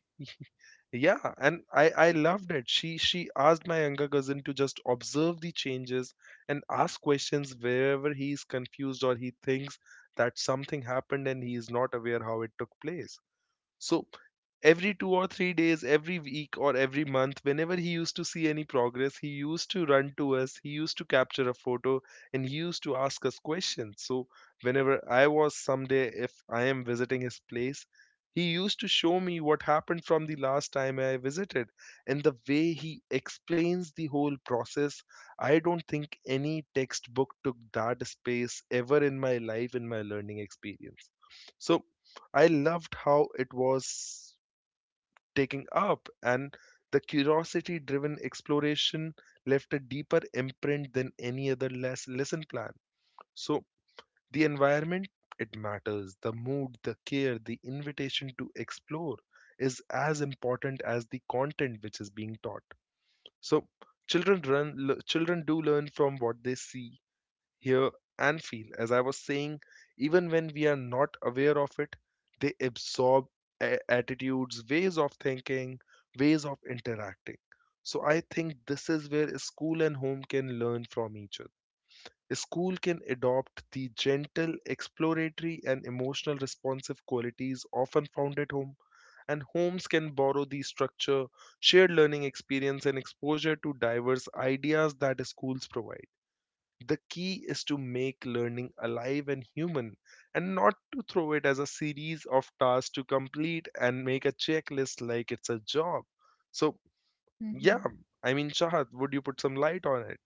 [SPEAKER 1] Yeah, and i loved it. She asked my younger cousin to just observe the changes and ask questions wherever he is confused or he thinks that something happened and he is not aware how it took place. So every 2 or 3 days, every week or every month, whenever he used to see any progress, he used to run to us, he used to capture a photo, and he used to ask us questions. So whenever I was someday, if I am visiting his place, he used to show me what happened from the last time I visited. And the way he explains the whole process, I don't think any textbook took that space ever in my life, in my learning experience. So I loved how it was taking up, and the curiosity driven exploration left a deeper imprint than any other lesson plan. So the environment, it matters. The mood, the care, the invitation to explore is as important as the content which is being taught. So, children do learn from what they see, hear, and feel. As I was saying, even when we are not aware of it, they absorb attitudes, ways of thinking, ways of interacting. So I think this is where school and home can learn from each other. School can adopt the gentle, exploratory, and emotional responsive qualities often found at home, and homes can borrow the structure, shared learning experience, and exposure to diverse ideas that schools provide. The key is to make learning alive and human and not to throw it as a series of tasks to complete and make a checklist like it's a job. So, yeah,
[SPEAKER 2] Hmm.
[SPEAKER 1] I mean, Chahat, would you put some light on it?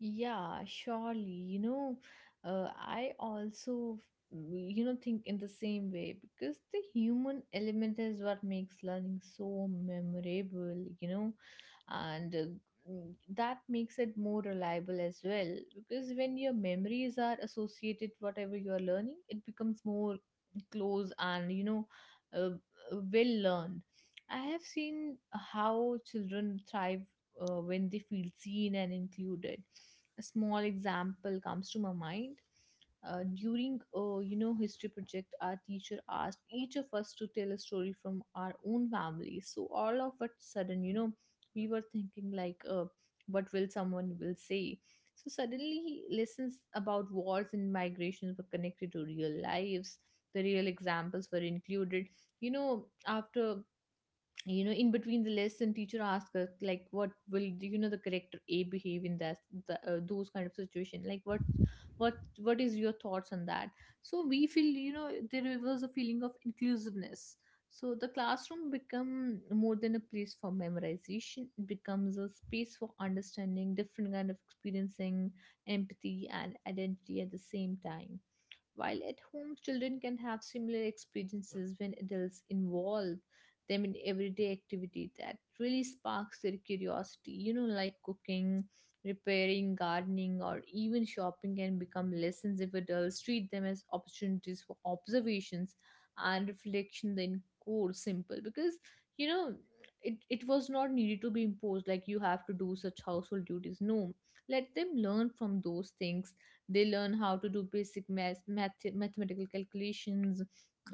[SPEAKER 2] Yeah, surely. You know, I also, you know, think in the same way, because the human element is what makes learning so memorable, you know, and that makes it more reliable as well, because when your memories are associated whatever you are learning, it becomes more close and, you know, uh, well learned. I have seen how children thrive when they feel seen and included. A small example comes to my mind. During you know history project, our teacher asked each of us to tell a story from our own family. So all of a sudden, you know, we were thinking like, what will someone will say? So suddenly, lessons about wars and migrations were connected to real lives. The real examples were included. You know, after you know in between the lesson teacher asks us like what will you know the character a behave in that the, those kind of situation, like what is your thoughts on that. So we feel you know there was a feeling of inclusiveness. So the classroom become more than a place for memorization. It becomes a space for understanding different kind of experiencing, empathy and identity at the same time. While at home, children can have similar experiences when adults involve them in everyday activity that really sparks their curiosity. You know, like cooking, repairing, gardening, or even shopping can become lessons if adults treat them as opportunities for observations and reflection, then core simple because you know it was not needed to be imposed like you have to do such household duties. No, let them learn from those things. They learn how to do basic math, mathematical calculations,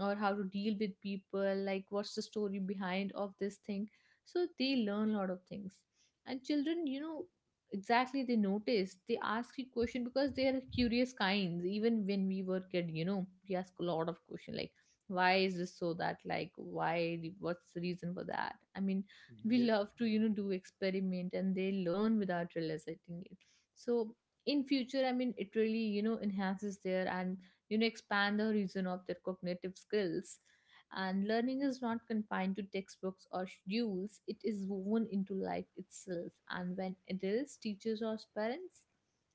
[SPEAKER 2] or how to deal with people, like what's the story behind of this thing. So they learn a lot of things. And children, exactly, they notice, they ask you question because they are curious kinds. Even when we were kid, we ask a lot of question like, why is this so that, like, why, what's the reason for that? I mean, we
[SPEAKER 1] Yes.
[SPEAKER 2] love to do experiment, and they learn without realizing it. So in future, I mean, it really enhances their, and expand the horizon of their cognitive skills. And learning is not confined to textbooks or schedules, it is woven into life itself. And when adults, teachers, or parents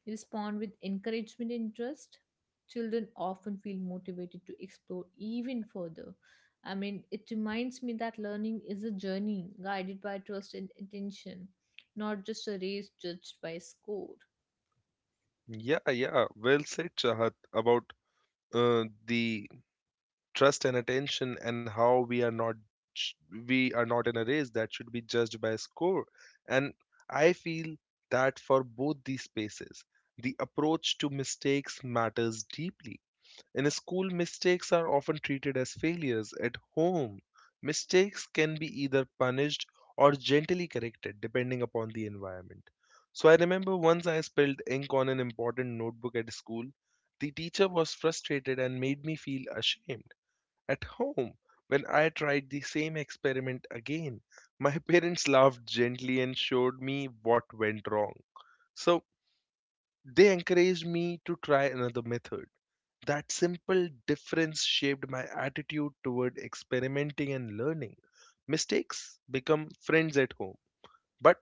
[SPEAKER 2] respond with encouragement and interest, children often feel motivated to explore even further. I mean, it reminds me that learning is a journey guided by trust and attention, not just a race judged by score.
[SPEAKER 1] Yeah, yeah, well said, Chahat, about the trust and attention and how we are not j- we are not in a race that should be judged by score. And I feel that for both these spaces, the approach to mistakes matters deeply. In school, mistakes are often treated as failures. At home, mistakes can be either punished or gently corrected depending upon the environment. So I remember once I spilled ink on an important notebook at school. The teacher was frustrated and made me feel ashamed. At home, when I tried the same experiment again, my parents laughed gently and showed me what went wrong. So they encouraged me to try another method. That simple difference shaped my attitude toward experimenting and learning. Mistakes become friends at home, but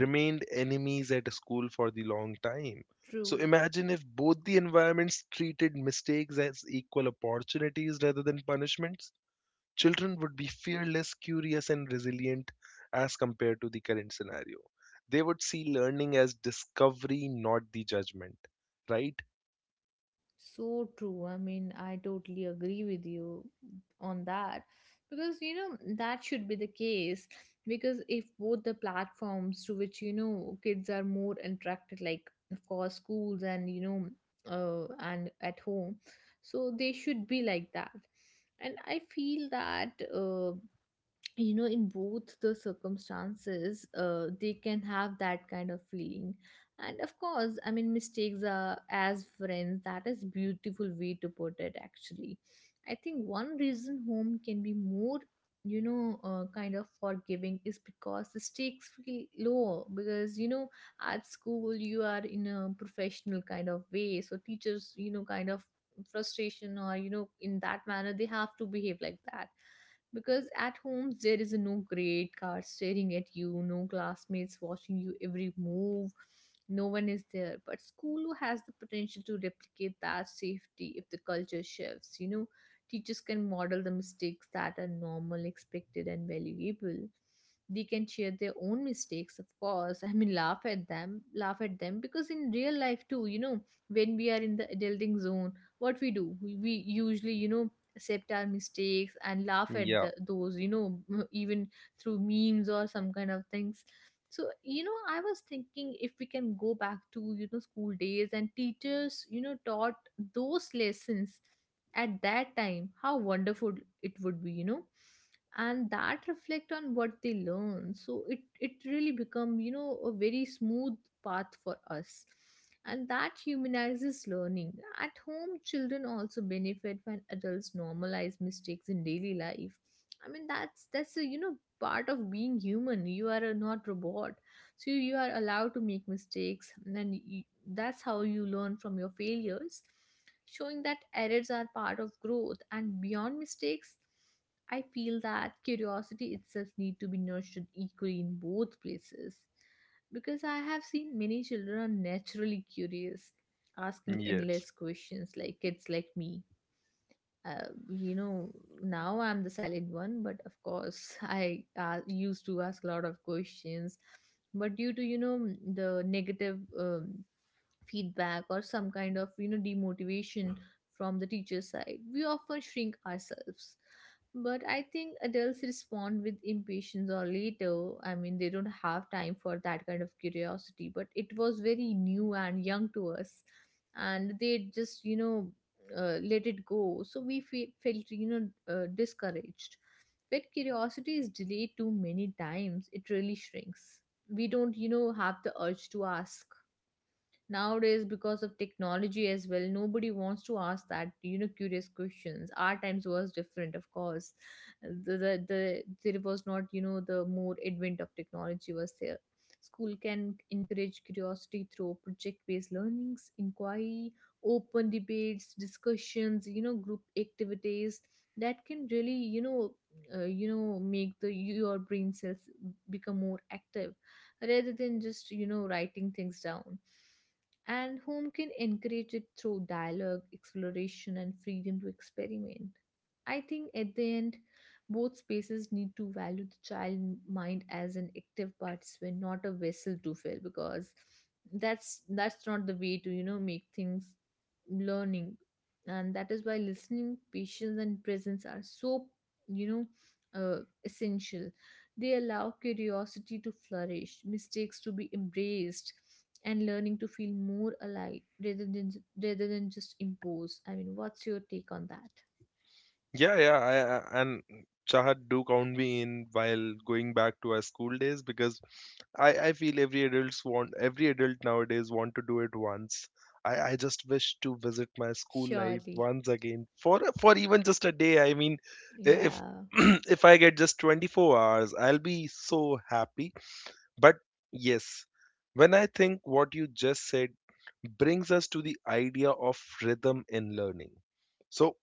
[SPEAKER 1] remained enemies at school for the long time. So
[SPEAKER 2] True,
[SPEAKER 1] imagine if both the environments treated mistakes as equal opportunities rather than punishments, children would be fearless, curious, and resilient as compared to the current scenario. They would see learning as discovery, not the judgment, right?
[SPEAKER 2] so true. I mean, I totally agree with you on that because that should be the case. Because if both the platforms to which kids are more attracted, like of course schools and and at home, so they should be like that. And I feel that. You know, in both the circumstances, they can have that kind of feeling. And of course, I mean, mistakes are as friends, that is beautiful way to put it actually. I think one reason home can be more kind of forgiving is because the stakes feel lower. Because at school you are in a professional kind of way, so teachers kind of frustration or in that manner they have to behave like that. Because at home there is no grade card staring at you, no classmates watching you every move, no one is there. But school has the potential to replicate that safety if the culture shifts. You know, teachers can model the mistakes that are normal, expected, and valuable. They can share their own mistakes, of course. I mean, laugh at them, laugh at them, because in real life too, you know, when we are in the adulting zone, what we do, we usually accept our mistakes and laugh at
[SPEAKER 1] Yeah,
[SPEAKER 2] those, you know even through memes or some kind of things. So I was thinking if we can go back to, you know, school days, and teachers, you know, taught those lessons at that time, how wonderful it would be, you know, and that reflect on what they learn, so it really become, you know, a very smooth path for us. And that humanizes learning. At home, children also benefit when adults normalize mistakes in daily life. I mean, that's a, you know, part of being human. You are a not robot, so you are allowed to make mistakes, and then that's how you learn from your failures, showing that errors are part of growth. And beyond mistakes, I feel that curiosity itself need to be nurtured equally in both places, because I have seen many children are naturally curious, asking
[SPEAKER 1] yes.
[SPEAKER 2] endless questions like kids like me. You know, now I'm the silent one, but of course I used to ask a lot of questions. But due to, you know, the negative feedback or some kind of, you know, demotivation from the teacher side, we often shrink ourselves. But I think adults respond with impatience or later. I mean, they don't have time for that kind of curiosity, but it was very new and young to us, and they just, you know, let it go, so we felt, you know, discouraged. When curiosity is delayed too many times, it really shrinks. We don't, you know, have the urge to ask nowadays because of technology as well. Nobody wants to ask that, you know, curious questions. Our times was different, of course. There was not, you know, the more advent of technology was there. School can encourage curiosity through project based learnings, inquiry, open debates, discussions, you know, group activities, that can really, make the your brain cells become more active, rather than just, you know, writing things down. And whom can encourage it through dialogue, exploration, and freedom to experiment. I think at the end, both spaces need to value the child mind as an active participant, not a vessel to fill, because that's not the way to, you know, make things learning. And that is why listening, patience, and presence are so, you know uh, essential. They allow curiosity to flourish, mistakes to be embraced, and learning to feel more alive, rather than just imposed. I mean, what's your take on that?
[SPEAKER 1] Yeah, yeah, and Chahat, do count me in while going back to our school days, because I feel every adult nowadays want to do it once. I just wish to visit my school life
[SPEAKER 2] Surely,
[SPEAKER 1] once again for even just a day. I mean, I- if
[SPEAKER 2] yeah.
[SPEAKER 1] if I get just 24 hours, I'll be so happy. But yes, when I think what you just said brings us to the idea of rhythm in learning. So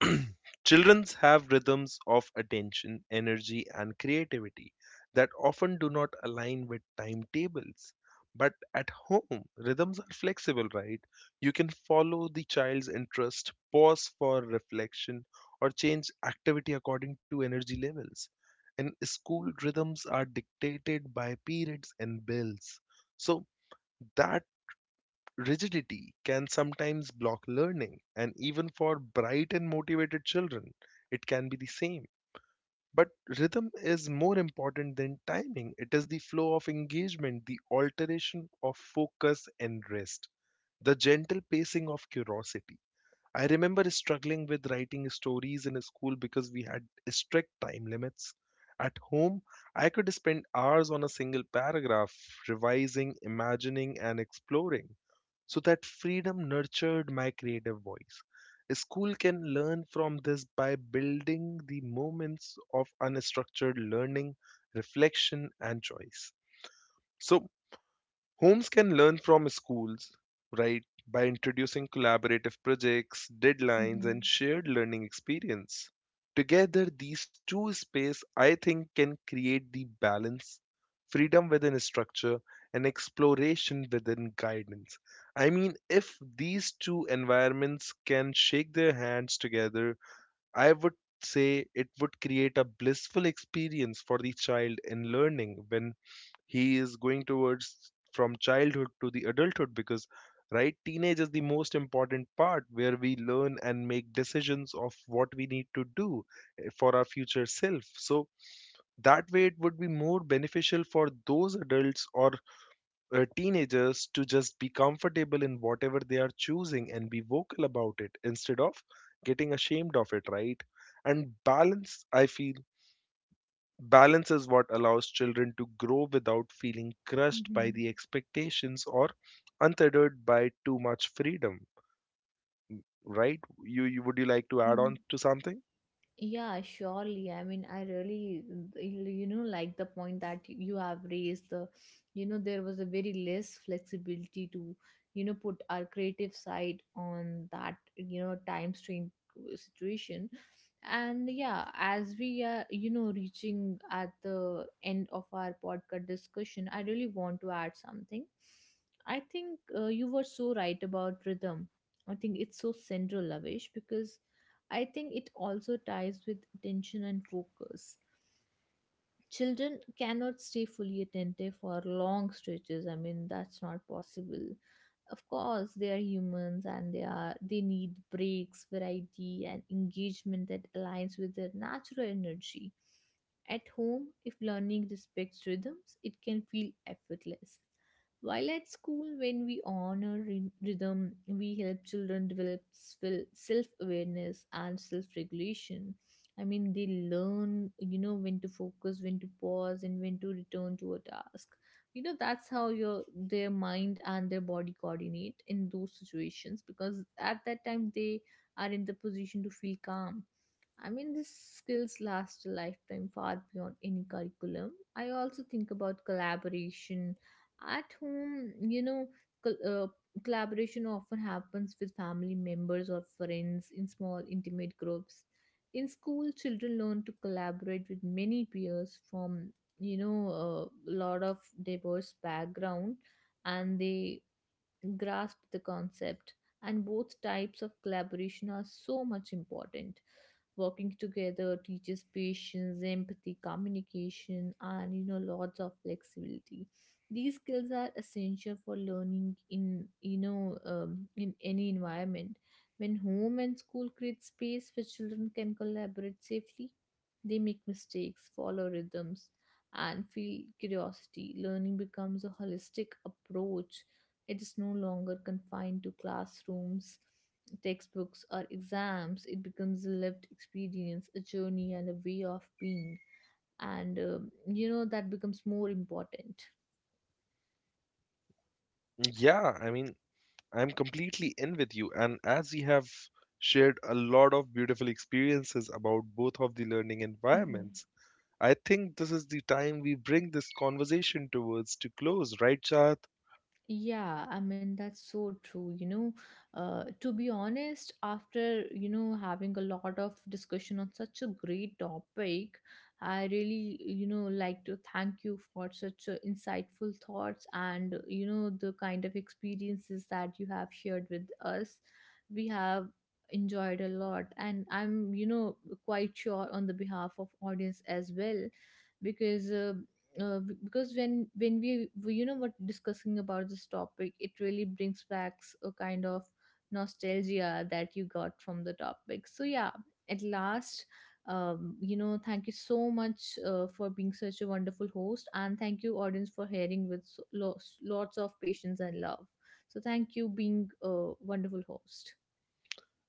[SPEAKER 1] children have rhythms of attention, energy, and creativity that often do not align with timetables. But at home, rhythms are flexible, right? You can follow the child's interest, pause for reflection, or change activity according to energy levels. And school rhythms are dictated by periods and bills. So that rigidity can sometimes block learning, and even for bright and motivated children, it can be the same. But rhythm is more important than timing. It is the flow of engagement, the alteration of focus and rest, the gentle pacing of curiosity. I remember struggling with writing stories in school because we had strict time limits. At home, I could spend hours on a single paragraph, revising, imagining, and exploring, so that freedom nurtured my creative voice. A school can learn from this by building the moments of unstructured learning, reflection, and choice. So homes can learn from schools, right, by introducing collaborative projects, deadlines, and
[SPEAKER 2] Hmm.
[SPEAKER 1] shared learning experience. Together, these two spaces, I think, can create the balance, freedom within structure, and exploration within guidance. I mean, if these two environments can shake their hands together, I would say it would create a blissful experience for the child in learning when he is going towards from childhood to the adulthood, because right teenage is the most important part where we learn and make decisions of what we need to do for our future self. So that way it would be more beneficial for those adults or teenagers to just be comfortable in whatever they are choosing and be vocal about it instead of getting ashamed of it, right? And balance, I feel, balance is what allows children to grow without feeling crushed by
[SPEAKER 2] Hmm.
[SPEAKER 1] the expectations or untethered by too much freedom, right? You would you like to add on to something?
[SPEAKER 2] Yeah, surely. I mean, I really, you know, like the point that you have raised. You know, there was a very less flexibility to, you know, put our creative side on that, you know, time strain situation. And yeah, as we are, you know, reaching at the end of our podcast discussion, I really want to add something. I think you were so right about rhythm. I think it's so central, Lavish, because I think it also ties with attention and focus. Children cannot stay fully attentive for long stretches. I mean, that's not possible. Of course they are humans, and they need breaks, variety, and engagement that aligns with their natural energy. At home, if learning respects rhythms, it can feel effortless. While at school, when we honor rhythm, we help children develop self awareness and self regulation. I mean, they learn, you know, when to focus, when to pause, and when to return to a task. You know, that's how your their mind and their body coordinate in those situations, because at that time they are in the position to feel calm. I mean, these skills last a lifetime, far beyond any curriculum. I also think about collaboration at home. You know, col- uh, collaboration often happens with family members or friends in small, intimate groups. In school, children learn to collaborate with many peers from, you know, a lot of diverse background, and they grasp the concept. And both types of collaboration are so much important. Working together teaches patience, empathy, communication, and, you know, lots of flexibility. These skills are essential for learning in, in any environment. When home and school create space where children can collaborate safely, they make mistakes, follow rhythms, and feel curiosity, learning becomes a holistic approach. It is no longer confined to classrooms, textbooks, or exams. It becomes a lived experience, a journey, and a way of being. And you know, that becomes more important.
[SPEAKER 1] Yeah, I mean, I'm completely in with you. And as we have shared a lot of beautiful experiences about both of the learning environments, I think this is the time we bring this conversation towards to close, right, Chad?
[SPEAKER 2] Yeah, I mean, that's so true. You know, to be honest, after, you know, having a lot of discussion on such a great topic, I really, you know, like to thank you for such insightful thoughts and, you know, the kind of experiences that you have shared with us. We have enjoyed a lot, and I'm, you know, quite sure on the behalf of audience as well, because because when we you know what discussing about this topic, it really brings back a kind of nostalgia that you got from the topic. So yeah, at last, you know, thank you so much for being such a wonderful host, and thank you audience for hearing with lots, lots of patience and love. So thank you being a wonderful host.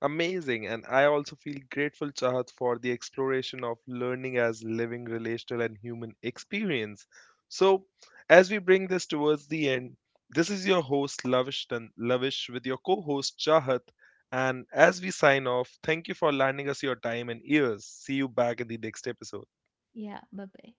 [SPEAKER 1] Amazing, and I also feel grateful, Chahat, for the exploration of learning as living, relational, and human experience. So, as we bring this towards the end, this is your host, Lavish, Lavish, with your co host, Chahat. And as we sign off, thank you for lending us your time and ears. See you back in the next episode.
[SPEAKER 2] Yeah, bye bye.